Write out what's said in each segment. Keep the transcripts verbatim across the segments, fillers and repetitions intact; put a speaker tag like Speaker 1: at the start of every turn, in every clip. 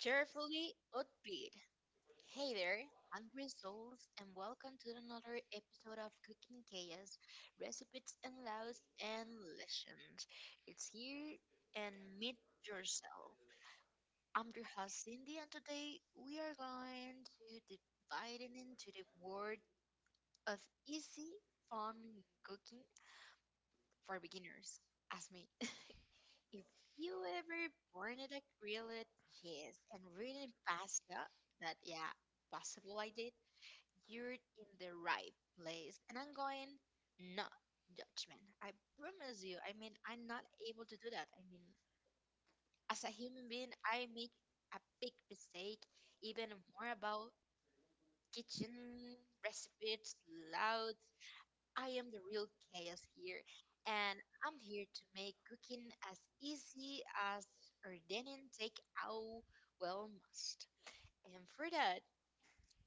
Speaker 1: Cheerfully upbeat. Hey there, hungry souls, and welcome to another episode of Cooking Chaos Recipes and Laws and Lessons. It's here and meet yourself. I'm your host, Cindy, and today we are going to divide it into the world of easy, fun cooking for beginners, as me. If you ever burned a grilled cheese and really pasta, that yeah, possible I did, you're in the right place. And I'm going no judgment. I promise you. I mean, I'm not able to do that. I mean, as a human being, I make a big mistake. Even more about kitchen recipes, loud I am the real chaos here, and I'm here to make cooking as easy as ordaining takeout well must. And for that,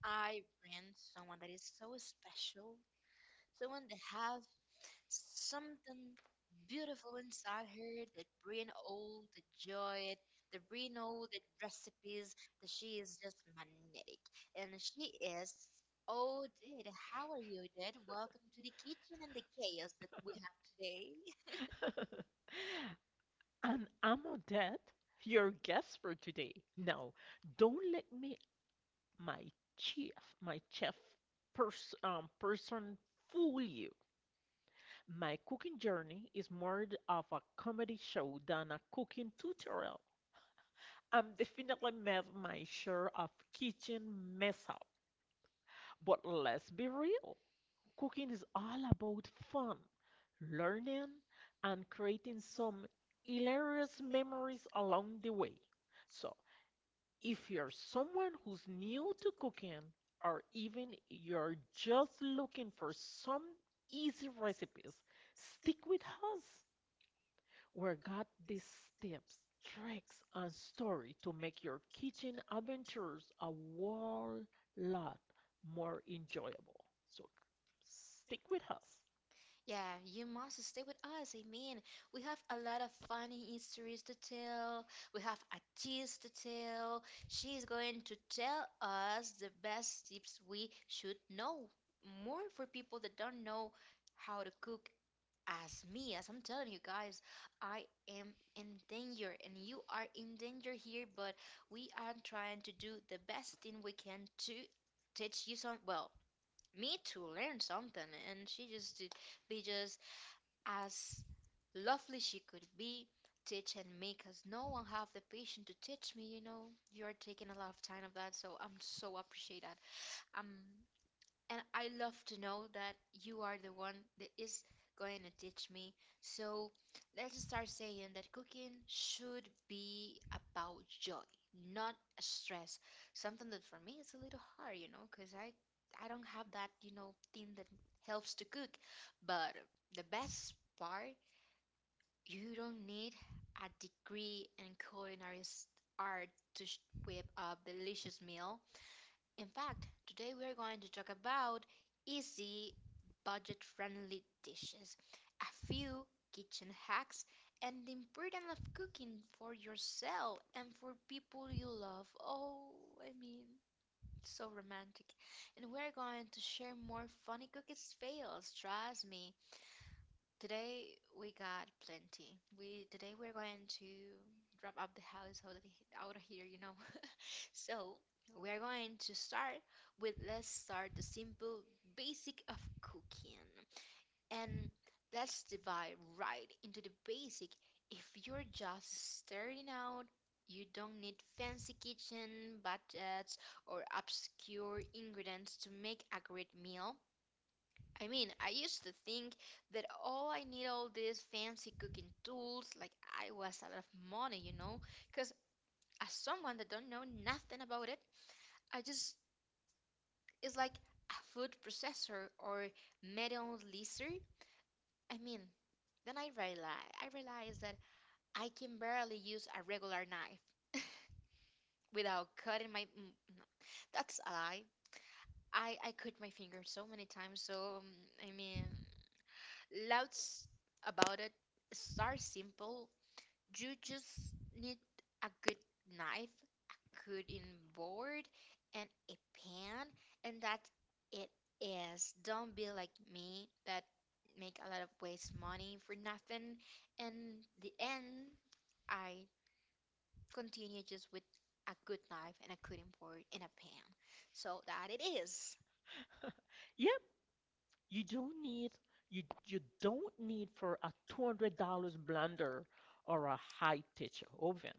Speaker 1: I bring someone that is so special, someone that have something beautiful inside her that bring all the joy, that bring all the recipes, that she is just magnetic. And she is, oh, Did, how are you, Did? Welcome to the kitchen and the chaos that we have today.
Speaker 2: And I'm Odette, your guest for today. Now, don't let me, my chef, my chef pers um, person fool you. My cooking journey is more th- of a comedy show than a cooking tutorial. I'm definitely made my share of kitchen mess up, but let's be real. Cooking is all about fun, learning, and creating some hilarious memories along the way. So, if you're someone who's new to cooking, or even you're just looking for some easy recipes, stick with us. We've got these tips, tricks, and story to make your kitchen adventures a whole lot more enjoyable. So, stick with us.
Speaker 1: Yeah, you must stay with us. I mean, we have a lot of funny histories to tell. We have a tease to tell. She is going to tell us the best tips we should know. More for people that don't know how to cook as me. As I'm telling you guys, I am in danger and you are in danger here, but we are trying to do the best thing we can to teach you some, well, me to learn something and she just to be just as lovely she could be, teach and make us. No one have the patience to teach me, you know. You are taking a lot of time of that, so I'm so appreciate that. Um, and I love to know that you are the one that is going to teach me. So let's start saying that cooking should be about joy, not stress. Something that for me is a little hard, you know, because I I don't have that, you know, thing that helps to cook, but the best part you don't need a degree in culinary s- art to sh- whip up delicious meal. In fact, today we are going to talk about easy, budget-friendly dishes, a few kitchen hacks, and the importance of cooking for yourself and for people you love. Oh, I mean, so romantic. And we're going to share more funny cooking fails, trust me. Today we got plenty. We today we're going to wrap up the house out of, he- out of here, you know. so we are going to start with let's start the simple basic of cooking and let's dive right into the basic. If you're just starting out, you don't need fancy kitchen budgets or obscure ingredients to make a great meal. I mean, I used to think that oh, I need all these fancy cooking tools, like I was a lot of money, you know, because as someone that don't know nothing about it, I just it's like a food processor or metal laser. I mean, then I realize I realized that I can barely use a regular knife without cutting my. mm, no, that's a lie. I I cut my fingers so many times, so um, I mean. Louds about it. Start simple. You just need a good knife, a good in board, and a pan, and that it is. Don't be like me that make a lot of waste money for nothing. And the end, I continue just with a good knife and a good in board and a pan. So that it is.
Speaker 2: Yep, you don't need you you don't need for a two hundred dollars blender or a high-tech oven.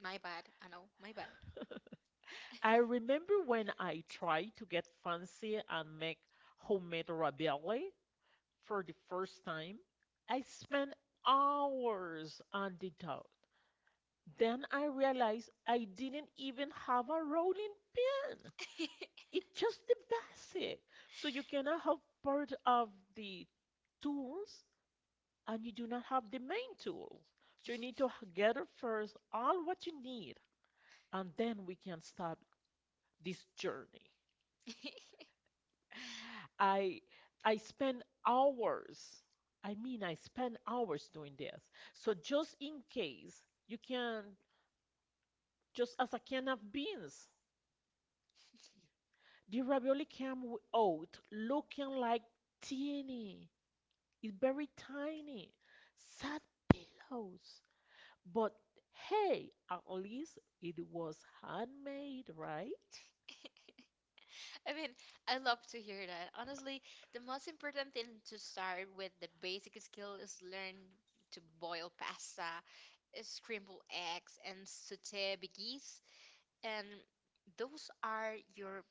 Speaker 1: My bad. I know. My bad.
Speaker 2: I remember when I tried to get fancy and make homemade ravioli for the first time. I spent hours on the dough. Then I realized I didn't even have a rolling pin. It's just the basic. So you cannot have part of the tools and you do not have the main tools. So you need to h- gather first all what you need, and then we can start this journey. I I spend hours. I mean, I spend hours doing this. So just in case, you can just as a can of beans. The ravioli came w- out looking like teeny. It's very tiny. Sad pillows. But hey, at least it was handmade, right?
Speaker 1: I mean, I love to hear that. Honestly, the most important thing to start with the basic skill is learn to boil pasta, uh, scramble eggs, and saute biggies. And those are your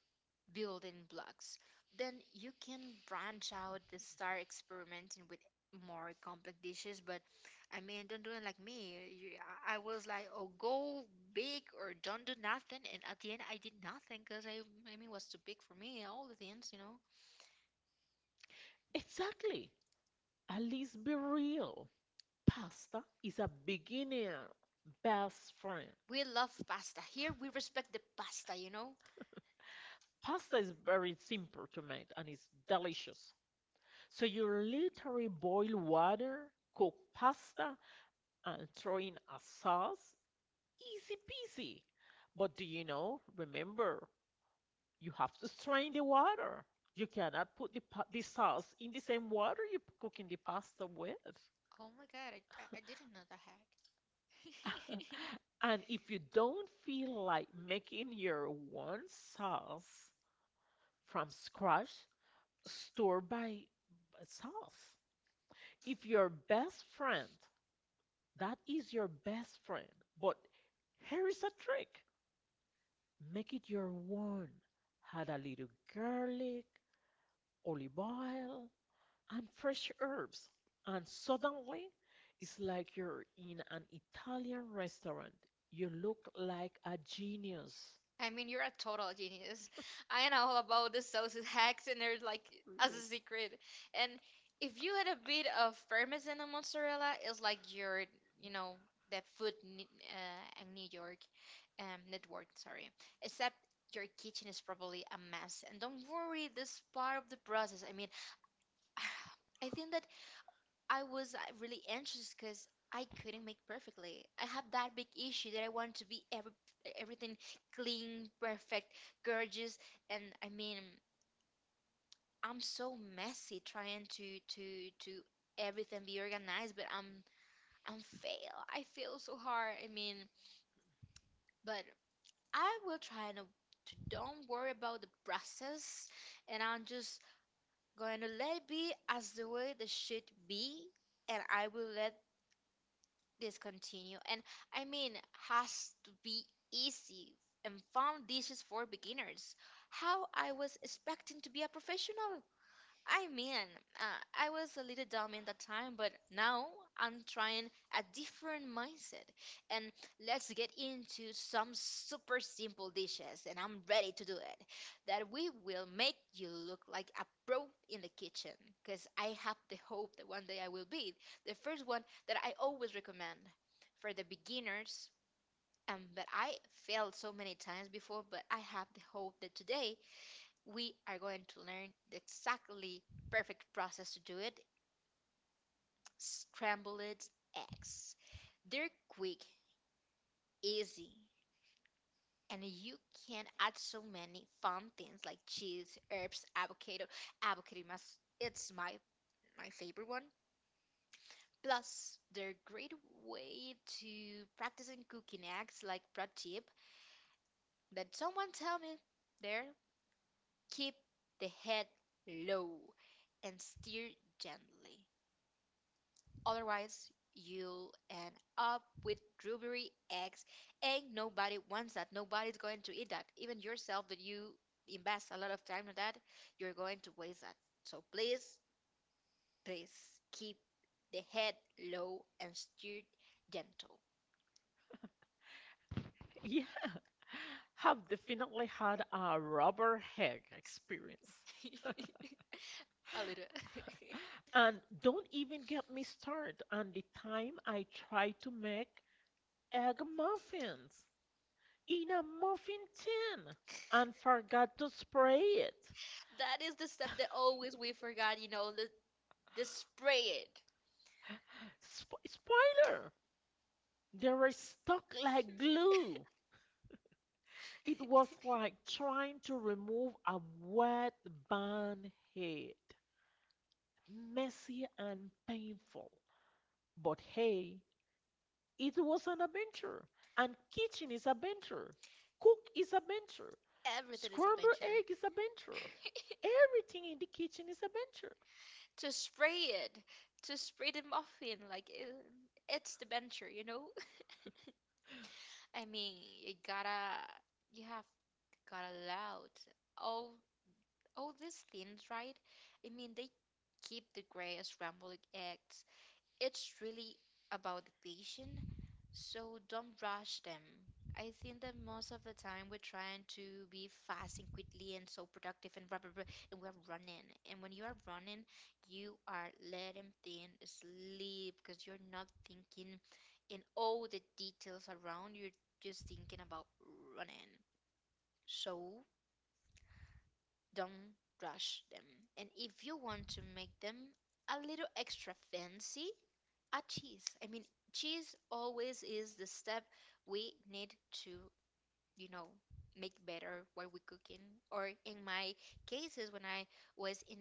Speaker 1: building blocks, then you can branch out and start experimenting with more complex dishes. But I mean, don't do it like me. You, I I was like, oh, go big or don't do nothing. And at the end, I did nothing because I, I mean, it was too big for me. All the things, you know.
Speaker 2: Exactly. At least be real. Pasta is a beginner best friend.
Speaker 1: We love pasta. Here, we respect the pasta, you know.
Speaker 2: Pasta is very simple to make and it's delicious. So you literally boil water, cook pasta, and throw in a sauce. Easy peasy. But do you know, remember, you have to strain the water. You cannot put the, the sauce in the same water you're cooking the pasta with.
Speaker 1: Oh my God, I, I I didn't know the hack.
Speaker 2: And if you don't feel like making your own sauce from scratch, store by by sauce. If your best friend, that is your best friend. But here is a trick. Make it your own. Add a little garlic, olive oil, and fresh herbs, and suddenly it's like you're in an Italian restaurant. You look like a genius.
Speaker 1: I mean, you're a total genius. I know all about the sauces hacks and they're like as a
Speaker 2: That's secret.
Speaker 1: secret. And if you had a bit of parmesan and mozzarella, it's like you're, you know, the food ne- uh, in New York um, network, sorry. Except your kitchen is probably a mess. And don't worry, this part of the process. I mean, I think that I was uh, really anxious because I couldn't make perfectly. I have that big issue that I want to be every, everything clean, perfect, gorgeous, and I mean I'm so messy trying to to to everything be organized, but I'm I'm fail. I fail so hard. I mean, but I will try to to don't worry about the process, and I'm just going to let it be as the way the should be, and I will let discontinue. And I mean, has to be easy and found dishes for beginners. How I was expecting to be a professional. I mean, uh, I was a little dumb in that time, but now I'm trying a different mindset. And let's get into some super simple dishes, and I'm ready to do it. That we will make you look like a pro in the kitchen, because I have the hope that one day I will be. The first one that I always recommend for the beginners. Um, that I failed so many times before, but I have the hope that today we are going to learn the exactly perfect process to do it scrambled eggs. They're quick, easy, and you can add so many fun things like cheese, herbs, avocado. Avocado mas it's my my favorite one. Plus, they're a great way to practice in cooking eggs like pro tip that someone tell me there keep the head low and stir gently. Otherwise, you'll end up with rubbery eggs, and nobody wants that. Nobody's going to eat that. Even yourself, that you invest a lot of time on that, you're going to waste that. So please, please keep the head low and steer gentle.
Speaker 2: Yeah, have definitely had a rubber hag experience.
Speaker 1: a little.
Speaker 2: And don't even get me started on the time I tried to make egg muffins in a muffin tin and forgot to spray it.
Speaker 1: that is the step that always we forgot. You know, the, the spray it.
Speaker 2: Sp- spoiler! They were stuck like glue. It was like trying to remove a wet band head. Messy and painful. But hey, it was an adventure. And kitchen is adventure. Cook is adventure.
Speaker 1: Everything is a
Speaker 2: Scrambled egg is adventure. Everything in the kitchen is adventure.
Speaker 1: to spray it, to spray the muffin, like it, it's the venture, you know. I mean, you gotta, you have gotta loud all all these things, right? I mean, they keep the greatest scrambled eggs it's really about the patient, so don't rush them. I think that most of the time we're trying to be fast and quickly and so productive and blah blah blah, and we're running. And when you are running, you are letting things sleep because you're not thinking in all the details around. You're just thinking about running. So don't rush them. And if you want to make them a little extra fancy, are cheese. I mean, cheese always is the step we need to, you know, make better while we cooking. Or in my cases, when I was in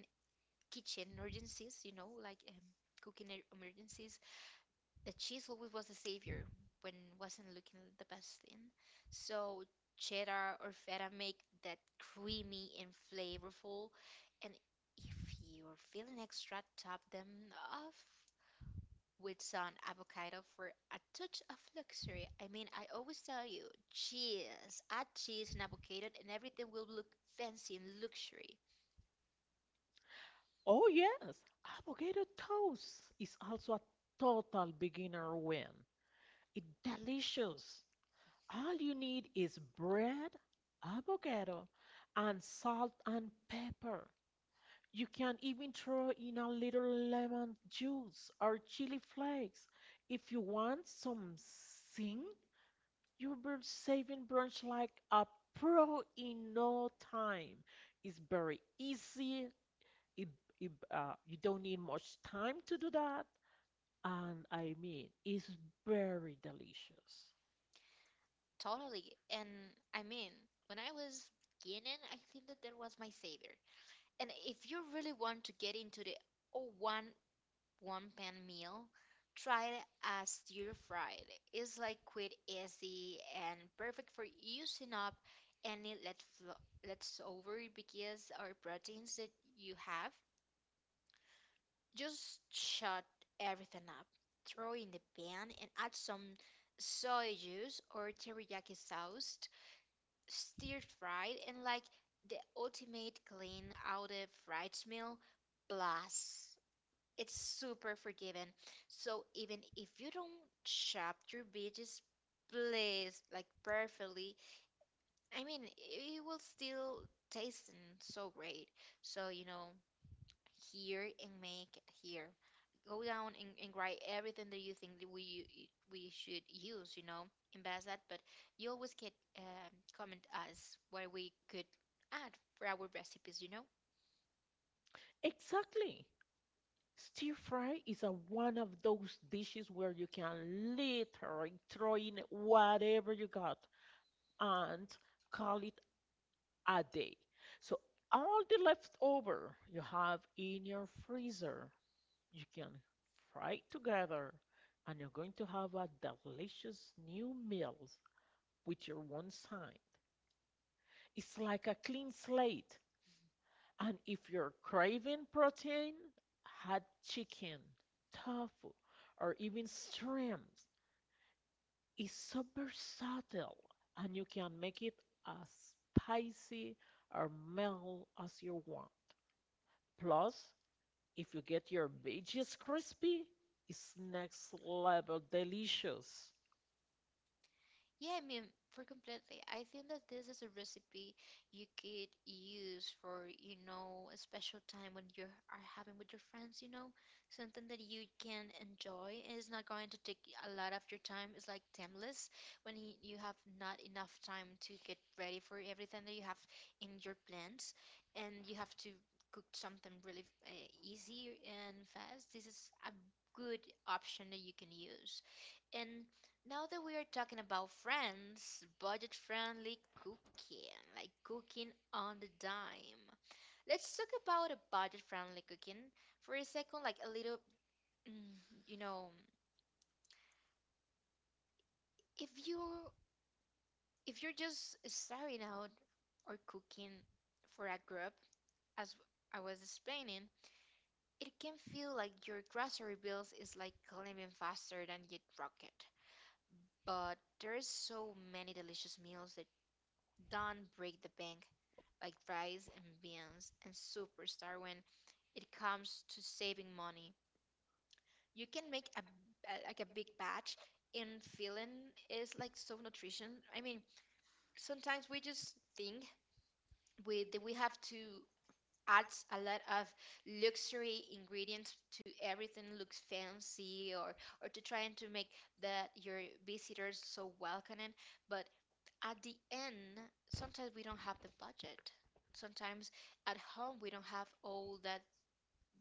Speaker 1: kitchen emergencies, you know, like um, cooking e- emergencies, the cheese always was the savior when wasn't looking the best thing. So cheddar or feta make that creamy and flavorful. And if you're feeling extra, top them off with some avocado for a touch of luxury. I mean, I always tell you, cheese, add cheese and avocado, and everything will look fancy and luxury.
Speaker 2: Oh yes, avocado toast is also a total beginner win. It's delicious. All you need is bread, avocado, and salt and pepper. You can even throw in a little lemon juice or chili flakes. If you want something, you'll be saving brunch like a pro in no time. It's very easy. It, it, uh, you don't need much time to do that. And I mean, it's very delicious.
Speaker 1: Totally. And I mean, when I was beginning, I think that that was my savior. And if you really want to get into the oh one. one pan meal, try it as stir fried. It's like quick, easy, and perfect for using up any let flo- leftover because or proteins that you have. Just shut everything up, throw in the pan, and add some soy juice or teriyaki sauce, stir fried, and like the ultimate clean out of fried meal. Plus. It's super forgiving. So even if you don't shop your beaches place like perfectly, I mean, it will still taste and so great. So, you know, here and make it here. Go down and, and write everything that you think that we we should use, you know, in that. But you always get um, comment us what we could add for our recipes, you know?
Speaker 2: Exactly. Stir fry is a one of those dishes where you can literally throw in whatever you got and call it a day. So all the leftover you have in your freezer, you can fry together and you're going to have a delicious new meal with your one side. It's like a clean slate. And if you're craving protein, hot chicken, tofu, or even shrimps is so versatile and you can make it as spicy or mild as you want. Plus, if you get your veggies crispy, it's next level delicious.
Speaker 1: Yeah, I mean, for completely, I think that this is a recipe you could use for, you know, a special time when you are having with your friends, you know, something that you can enjoy. And it's not going to take a lot of your time. It's like timeless when y- you have not enough time to get ready for everything that you have in your plans, and you have to cook something really uh, easy and fast. This is a good option that you can use. And. Now that we are talking about friends, budget friendly cooking, like cooking on the dime. Let's talk about a budget friendly cooking for a second, like a little, mm, you know, if you if you're just starting out or cooking for a group, as I was explaining, it can feel like your grocery bills is like climbing faster than you'd rocket. But there's so many delicious meals that don't break the bank like rise in beans and superstar when it comes to saving money. You can make a a- like a big batch and filling is like so nutrition. I mean, sometimes we just think we that we have to add a lot of luxury ingredients to everything looks fancy or or to trying to make that your visitors so welcoming, but at the end, sometimes we don't have the budget. Sometimes at home we don't have all that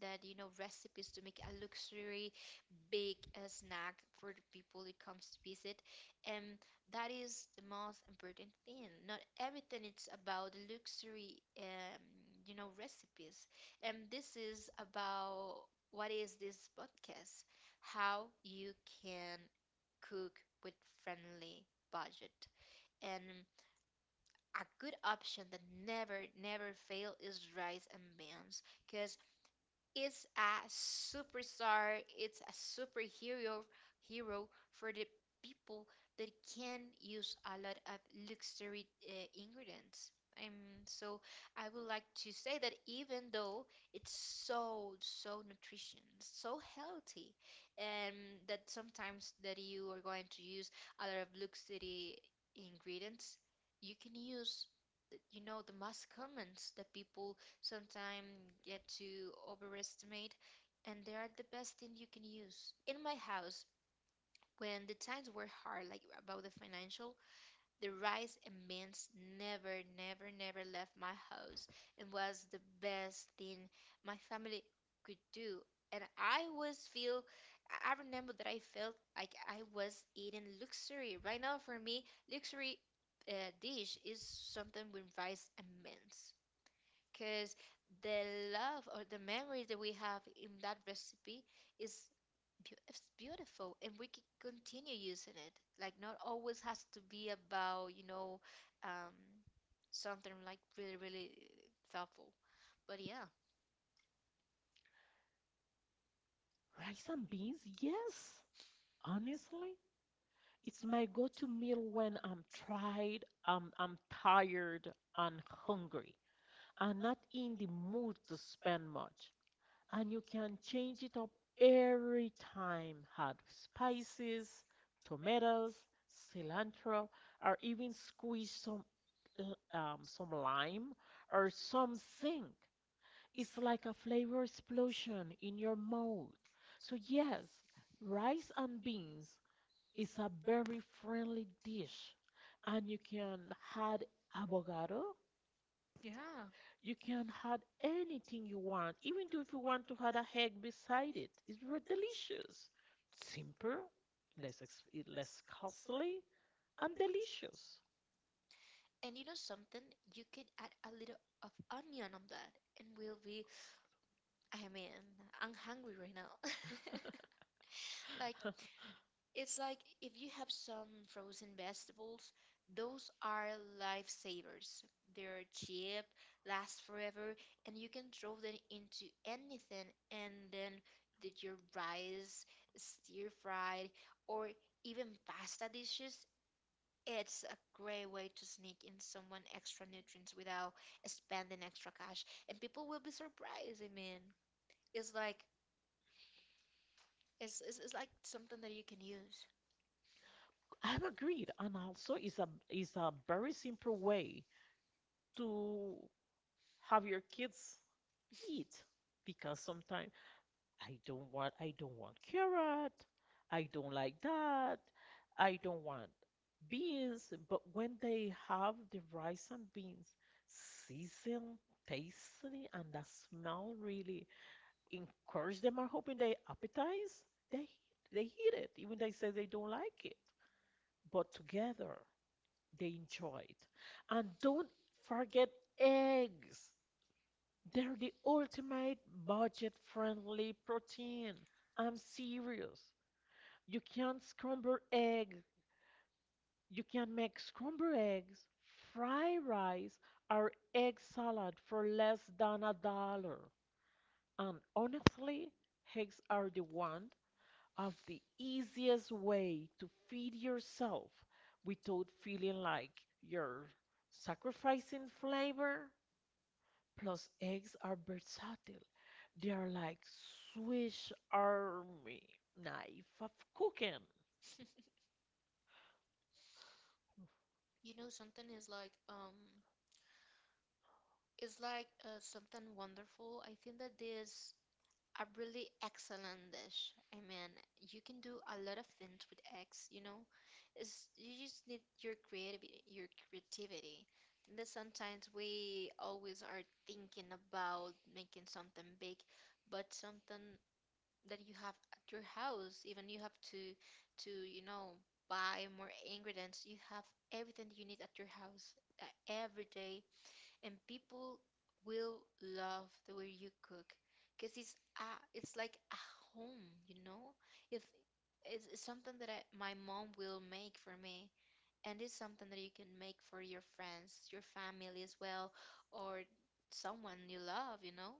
Speaker 1: that you know recipes to make a luxury big uh, snack for the people that comes to visit, and that is the most important thing. Not everything it's about the luxury, um, you know, recipes, and this is about what is this podcast? How you can cook with friendly budget and a good option that never never fail is rice and beans because is a superstar, it's a superhero hero for the people that can use a lot of luxury uh, ingredients. Um, so I would like to say that even though it's so so nutrition, so healthy, and that sometimes that you are going to use a lot of luxury ingredients, you can use the- you know the most commons that people sometimes get to overestimate, and they are the best thing you can use. In my house, when the times were hard, like about the financial, the rice and beans never, never, never left my house and was the best thing my family could do. And I was feel, I I remember that I felt like I was eating luxury. Right now, for me, luxury uh, dish is something with rice and beans because the love or the memories that we have in that recipe is beau- it's beautiful and we can continue using it, like not always has to be about, you know, um something like really really thoughtful, but yeah.
Speaker 2: Rice and beans, yes. Honestly, it's my go-to meal when I'm tired, I'm, I'm tired and hungry. Are not in the mood to spend much. And you can change it up every time. Add spices, tomatoes, cilantro, or even squeeze some uh, um, some lime or some zinc. It's like a flavor explosion in your mouth. So yes, rice and beans is a very friendly dish, and you can add avocado,
Speaker 1: Yeah.
Speaker 2: you can add anything you want, even though if you want to add a egg beside it. It's very delicious. Simple, less eh, less costly, and delicious.
Speaker 1: And you know something, you can add a little of onion on that and we'll be, I mean, I'm hungry right now like it's like if you have some frozen vegetables, those are lifesavers. They're cheap, last forever, and you can throw them into anything and then did your rice, stir fried, or even pasta dishes. It's a great way to sneak in someone extra nutrients without spending extra cash. And people will be surprised, I mean. It's like it's, it's, it's like something that you can use.
Speaker 2: I'm agreed, and also it's a it's a very simple way to have your kids eat because sometimes I don't want I don't want carrot. I don't like that. I don't want beans. But when they have the rice and beans seasoned, tasty, and that smell really encourage them. I'm hoping they appetize. They they eat it, even they say they don't like it. But together they enjoy it. And don't forget eggs. They're the ultimate budget friendly protein. I'm serious. You can scramble eggs. You can make scrambled eggs, fry rice, or egg salad for less than a dollar. And honestly, eggs are the one of the easiest way to feed yourself without feeling like you're sacrificing flavor. Those eggs are versatile. They are like Swiss Army knife of cooking.
Speaker 1: You know, something is like um it's like uh, something wonderful. I think that there's a really excellent dish. I mean, you can do a lot of things with eggs, you know. It's you just need your creativity, your creativity. I think that sometimes we always are thinking about making something big, but something that you have at your house, even you have to to, you know, buy more ingredients. You have everything you need at your house uh, every day and people will love the way you cook because it's a, it's like a home, you know, if it's, it's something that I, my mom will make for me and it's something that you can make for your friends, your family as well, or someone you love, you know.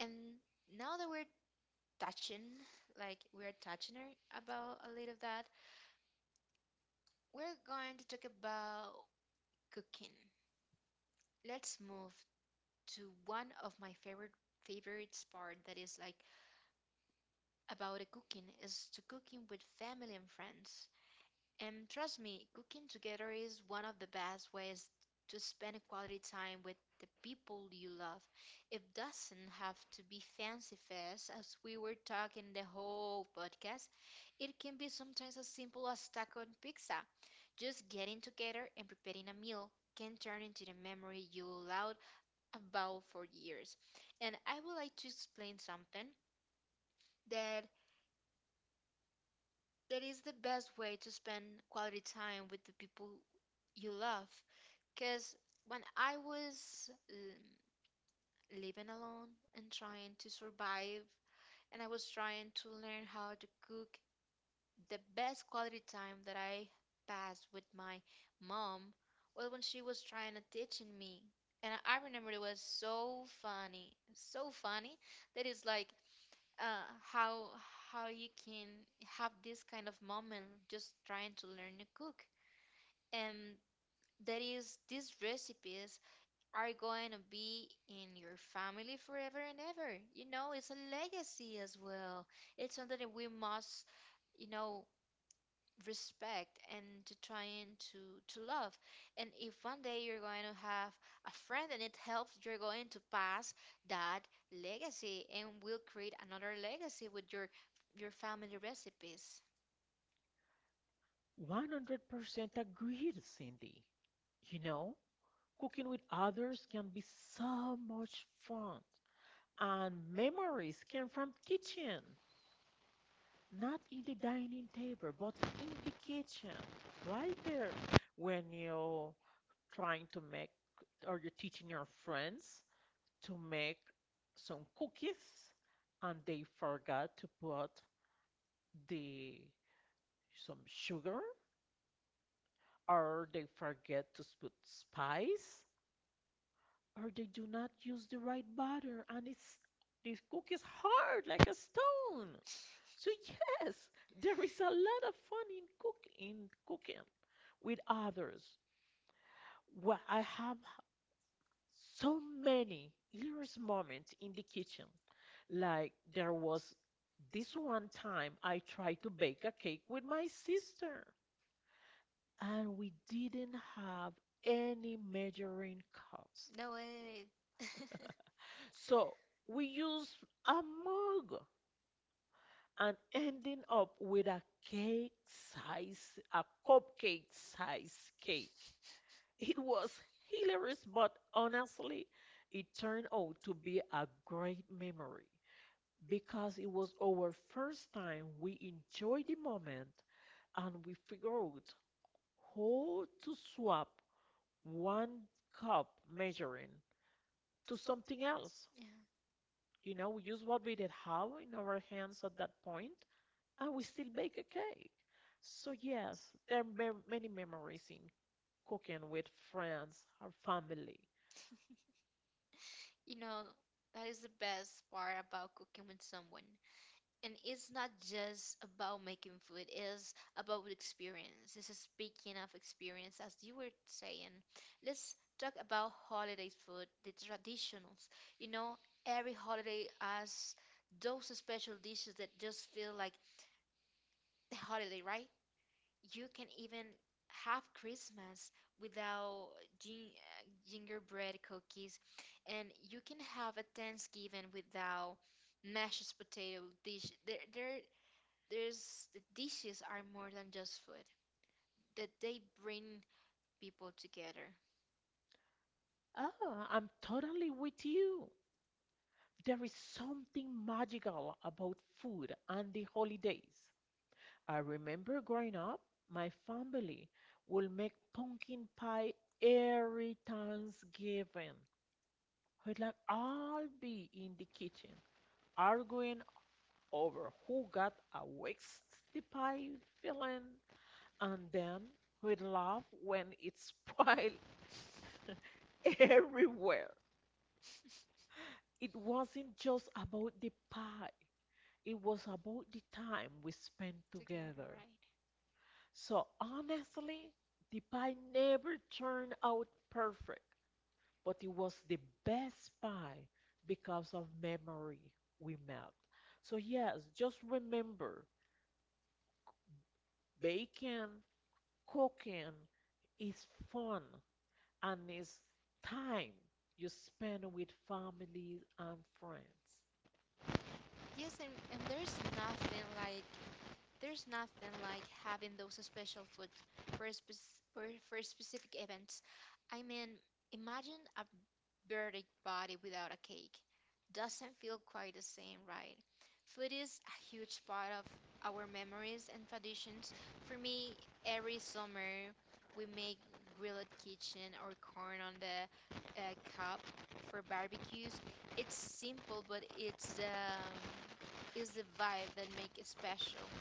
Speaker 1: And now that we're touching, like we're touching her about a little of that, we're going to talk about cooking. Let's move to one of my favorite favorites part that is like about a cooking is to cooking with family and friends. And trust me, cooking together is one of the best ways to spend quality time with the people you love. It doesn't have to be fancy fest as we were talking the whole podcast. It can be sometimes as simple as taco and pizza. Just getting together and preparing a meal can turn into the memory you'll allow about for years. And I would like to explain something that that is the best way to spend quality time with the people you love. Because when I was um, living alone and trying to survive, and I was trying to learn how to cook, the best quality time that I passed with my mom was when she was trying to teaching me. And I I remember it was so funny, so funny that it's like uh how how you can have this kind of moment just trying to learn to cook, and that is these recipes are going to be in your family forever and ever, you know, it's a legacy as well. It's something that we must, you know, respect and to trying to to love, and if one day you're going to have a friend and it helps, you're going to pass that legacy and will create another legacy with your your family recipes.
Speaker 2: one hundred percent agreed, Cindy. You know, cooking with others can be so much fun. And memories came from kitchen, not in the dining table, but in the kitchen, right there when you're trying to make or you're teaching your friends to make some cookies and they forgot to put the some sugar or they forget to put spice or they do not use the right butter and it's these cookies hard like a stone. So yes, there is a lot of fun in cook in cooking with others. Well, I have so many hilarious moments in the kitchen. Like there was this one time I tried to bake a cake with my sister, and we didn't have any measuring cups.
Speaker 1: No way.
Speaker 2: So we used a mug and ending up with a cake size, a cupcake size cake. It was hilarious, but honestly, it turned out to be a great memory, because it was our first time we enjoyed the moment and we figured out how to swap one cup measuring to something else.
Speaker 1: Yeah,
Speaker 2: You know, we use what we did have in our hands at that point and we still bake a cake. So, yes, there are mem- many memories in cooking with friends or family.
Speaker 1: you know that is the best part about cooking with someone, and it's not just about making food, it's about experience. This is speaking of experience, as you were saying, let's talk about holiday food, the traditionals. You know, every holiday has those special dishes that just feel like the holiday, right? You can even have Christmas without gin- uh, gingerbread cookies, and you can have a thanksgiving without mashed potato dish. There, there there's the dishes are more than just food, that they bring people together.
Speaker 2: Oh, I'm totally with you. There is something magical about food and the holidays. I remember growing up, my family would make pumpkin pie every Thanksgiving. We'd like all be in the kitchen arguing over who got a waste the pie filling, and then we'd laugh when it spoiled everywhere. It wasn't just about the pie, it was about the time we spent together.
Speaker 1: Right?
Speaker 2: So honestly, the pie never turned out perfect, but it was the best pie because of memory we met. So yes, just remember, baking, cooking is fun and it's time you spend with family and friends.
Speaker 1: Yes, and, and there's nothing like there's nothing like having those special foods for a spec for, for specific events. I mean, imagine a dirty body without a cake doesn't feel quite the same, right? Food is a huge part of our memories and traditions. For me, every summer we make grilled kitchen or corn on the uh, cob for barbecues. It's simple, but it's the um, is the vibe that make it special.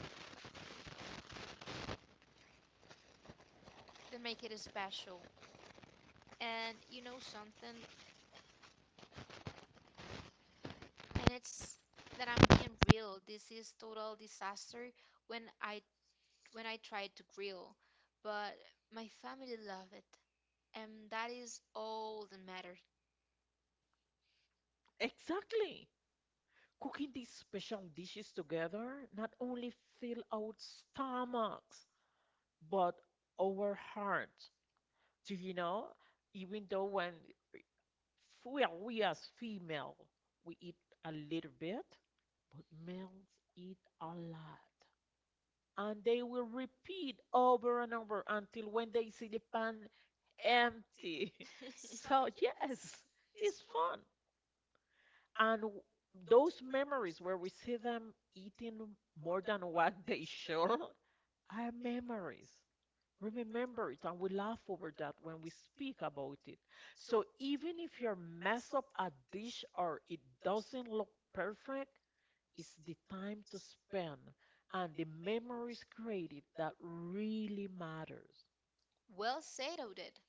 Speaker 1: That make it special. And you know something, and it's that I'm being real. This is total disaster when I when I tried to grill, but my family loved it, and that is all that matters.
Speaker 2: Exactly. Cooking these special dishes together not only fill our stomachs, but our hearts. Do you know? Even though when well, we as female, we eat a little bit, but males eat a lot. And they will repeat over and over until when they see the pan empty. So yes, it's fun. And w- those memories where we see them eating more than what they should are memories. Remember it, and we laugh over that when we speak about it. So even if you mess up a dish or it doesn't look perfect, it's the time to spend and the memories created that really matters.
Speaker 1: Well said, it.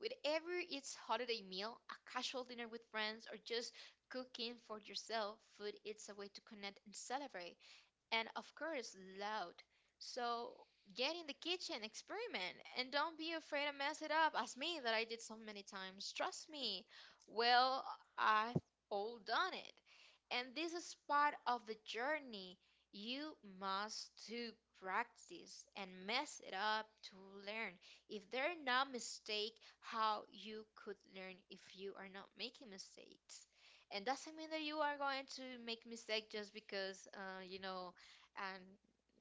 Speaker 1: Whatever it's holiday meal, a casual dinner with friends, or just cooking for yourself, food it's a way to connect and celebrate. And of course loud. So get in the kitchen, experiment, and don't be afraid to mess it up as me that I did so many times. Trust me. Well, I've all done it. And this is part of the journey. You must to practice and mess it up to learn. If there are not mistake, how you could learn if you are not making mistakes, and doesn't mean that you are going to make mistake just because uh, you know, and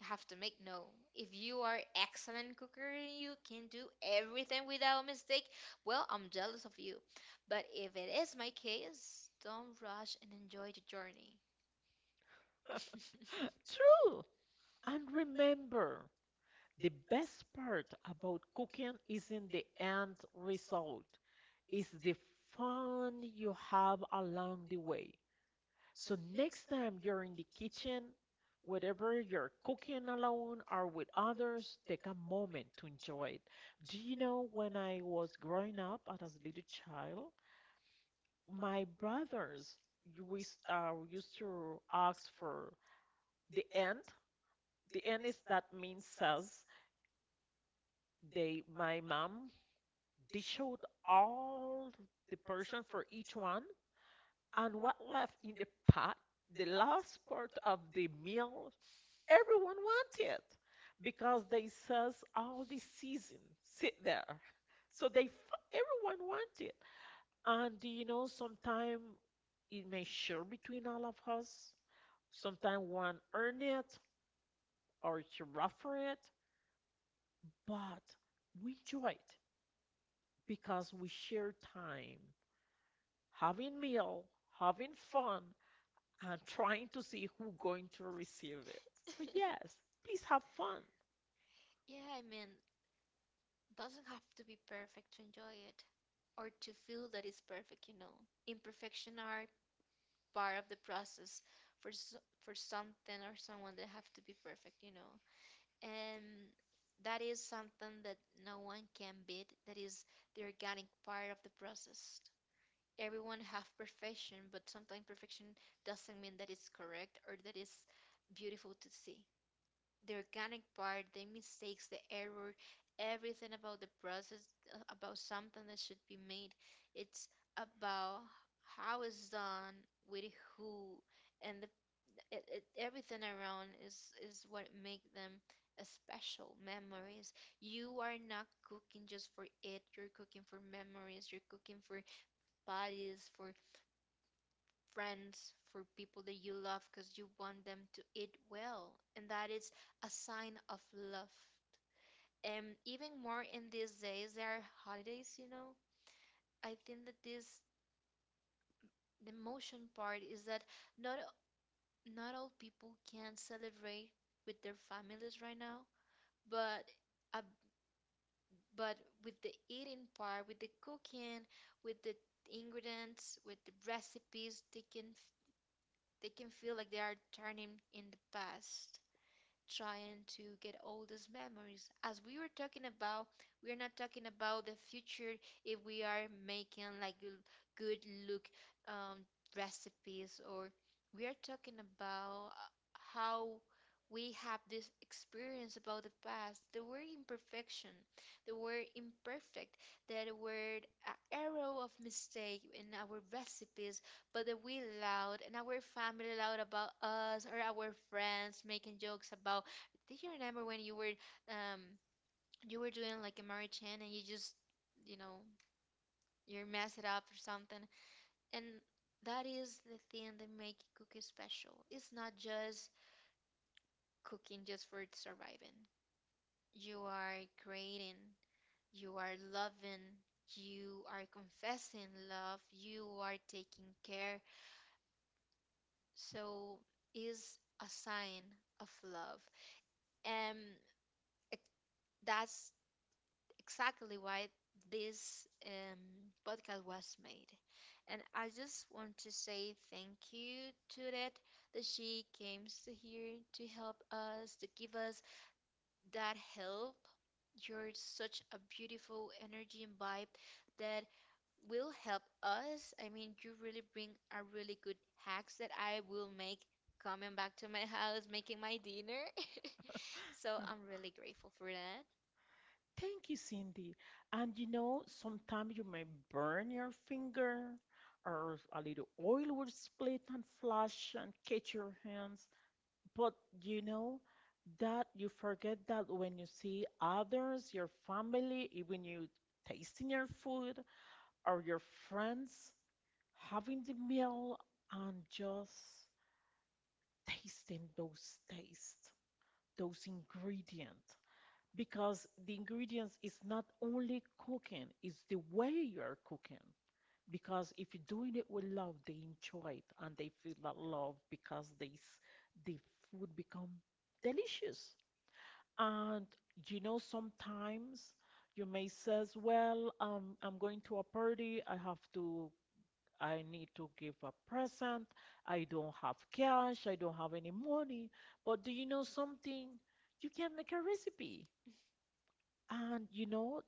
Speaker 1: have to make no, if you are excellent cooker and you can do everything without mistake, well, I'm jealous of you, but if it is my case, don't rush and enjoy the journey.
Speaker 2: True. And remember, the best part about cooking isn't the end result, it's the fun you have along the way. So next time you're in the kitchen, whatever you're cooking alone or with others, take a moment to enjoy it. Do you know when I was growing up and as a little child, my brothers you wis- uh, used to ask for the end. The end is that means says they my mom dish out all the portion for each one and what left in the pot, the last part of the meal. Everyone want it because they says all the season sit there. So they f- everyone want it. And you know, sometimes it may share between all of us. Sometimes one earn it or it's rough for it, but we enjoy it because we share time, having meal, having fun, and trying to see who going to receive it. So yes, please have fun.
Speaker 1: Yeah, I mean, doesn't have to be perfect to enjoy it or to feel that it's perfect, you know. Imperfection are part of the process for s for something or someone that have to be perfect, you know. And that is something that no one can beat. That is the organic part of the process. Everyone have perfection, but sometimes perfection doesn't mean that it's correct or that it's beautiful to see the organic part, the mistakes, the error, everything about the process, uh, about something that should be made. It's about how it's done, with who, and the it, it, everything around is is what make them a special memories. You are not cooking just for it. You're cooking for memories. You're cooking for bodies, for friends, for people that you love because you want them to eat well. And that is a sign of love. And even more in these days, there are holidays, you know. I think that this the emotion part is that not not all people can celebrate with their families right now, but uh, but with the eating part, with the cooking, with the ingredients, with the recipes, they can f- they can feel like they are turning in the past, trying to get all these memories. As we were talking about, we are not talking about the future if we are making like l- good look um, recipes, or we are talking about uh, how we have this experience about the past. There were imperfection, there were imperfect, that were an arrow of mistake in our recipes, but if we loud and our family loud about us or our friends making jokes about, do you remember when you were um you were doing like a marichan and you just, you know, you mess it up or something, and that is the thing that make cooking special. It's not just cooking just for surviving. You are creating, you are loving, you are confessing love, you are taking care. So is a sign of love. And it, that's exactly why this um, podcast was made, and I just want to say thank you to that that she came to here to help us, to give us that help. You're such a beautiful energy and vibe that will help us. I mean, you really bring a really good hacks that I will make coming back to my house, making my dinner. So I'm really grateful for that.
Speaker 2: Thank you, Cindy. And you know, sometimes you may burn your finger or a little oil will split and flash and catch your hands. But you know that you forget that when you see others, your family, even you tasting your food or your friends having the meal and just tasting those tastes, those ingredients, because the ingredients is not only cooking, it's the way you're cooking. Because if you're doing it with love, they enjoy it and they feel that love because they s- the food become delicious. And you know, sometimes you may says, "Well, um, I'm going to a party. I have to. I need to give a present. I don't have cash. I don't have any money." But do you know something? You can make a recipe. And you know,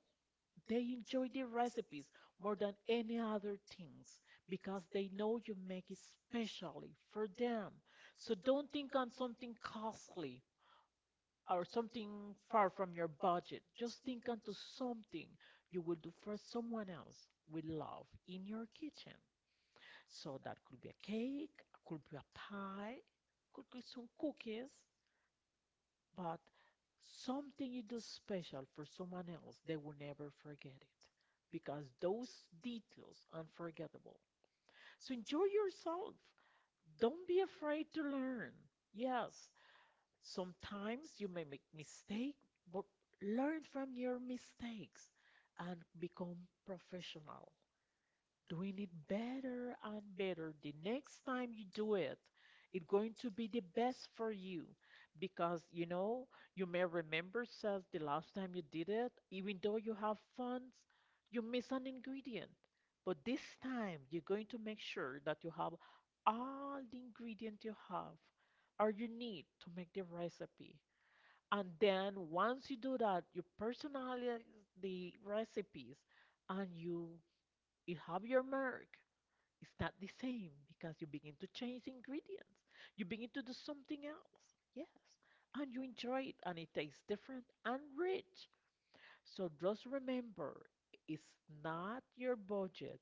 Speaker 2: they enjoy the recipes more than any other things because they know you make it specially for them. So don't think on something costly or something far from your budget. Just think onto something you will do for someone else with love in your kitchen. So that could be a cake, could be a pie, could be some cookies, but something you do special for someone else, they will never forget it because those details unforgettable. So enjoy yourself. Don't be afraid to learn. Yes, sometimes you may make mistake, but learn from your mistakes and become professional doing it better and better. The next time you do it, it's going to be the best for you because you know you may remember says the last time you did it, even though you have funds, you miss an ingredient. But this time you're going to make sure that you have all the ingredients you have or you need to make the recipe. And then once you do that, you personalize the recipes and you it have your mark. It's not the same because you begin to change ingredients. You begin to do something else. Yes. And you enjoy it and it tastes different and rich. So just remember, it's not your budget.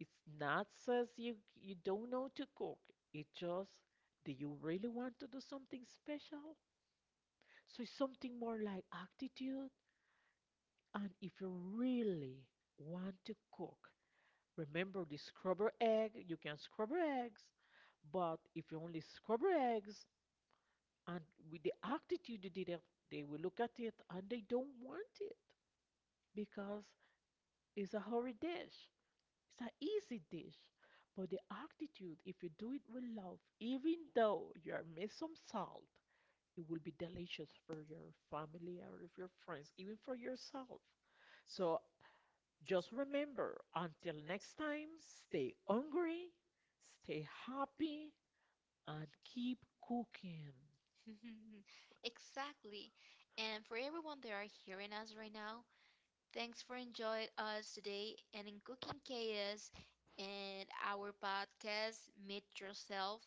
Speaker 2: It's not says you you don't know to cook. It just do you really want to do something special? So it's something more like attitude, and if you really want to cook, remember the scrubber egg, you can scrubber eggs, but if you only scrubber eggs and with the attitude you did it, they will look at it and they don't want it because it's a hurry dish. It's an easy dish. But the attitude, if you do it with love, even though you are miss some salt, it will be delicious for your family or if your friends, even for yourself. So just remember, until next time, stay hungry, stay happy, and keep cooking.
Speaker 1: Exactly. And for everyone that are hearing us right now, thanks for enjoying us today and in Cooking Chaos and our podcast, Meet Yourself.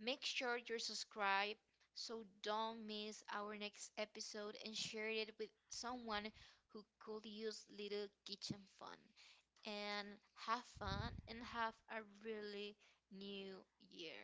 Speaker 1: Make sure you're subscribed so don't miss our next episode and share it with someone who could use little kitchen fun. And have fun and have a really new year.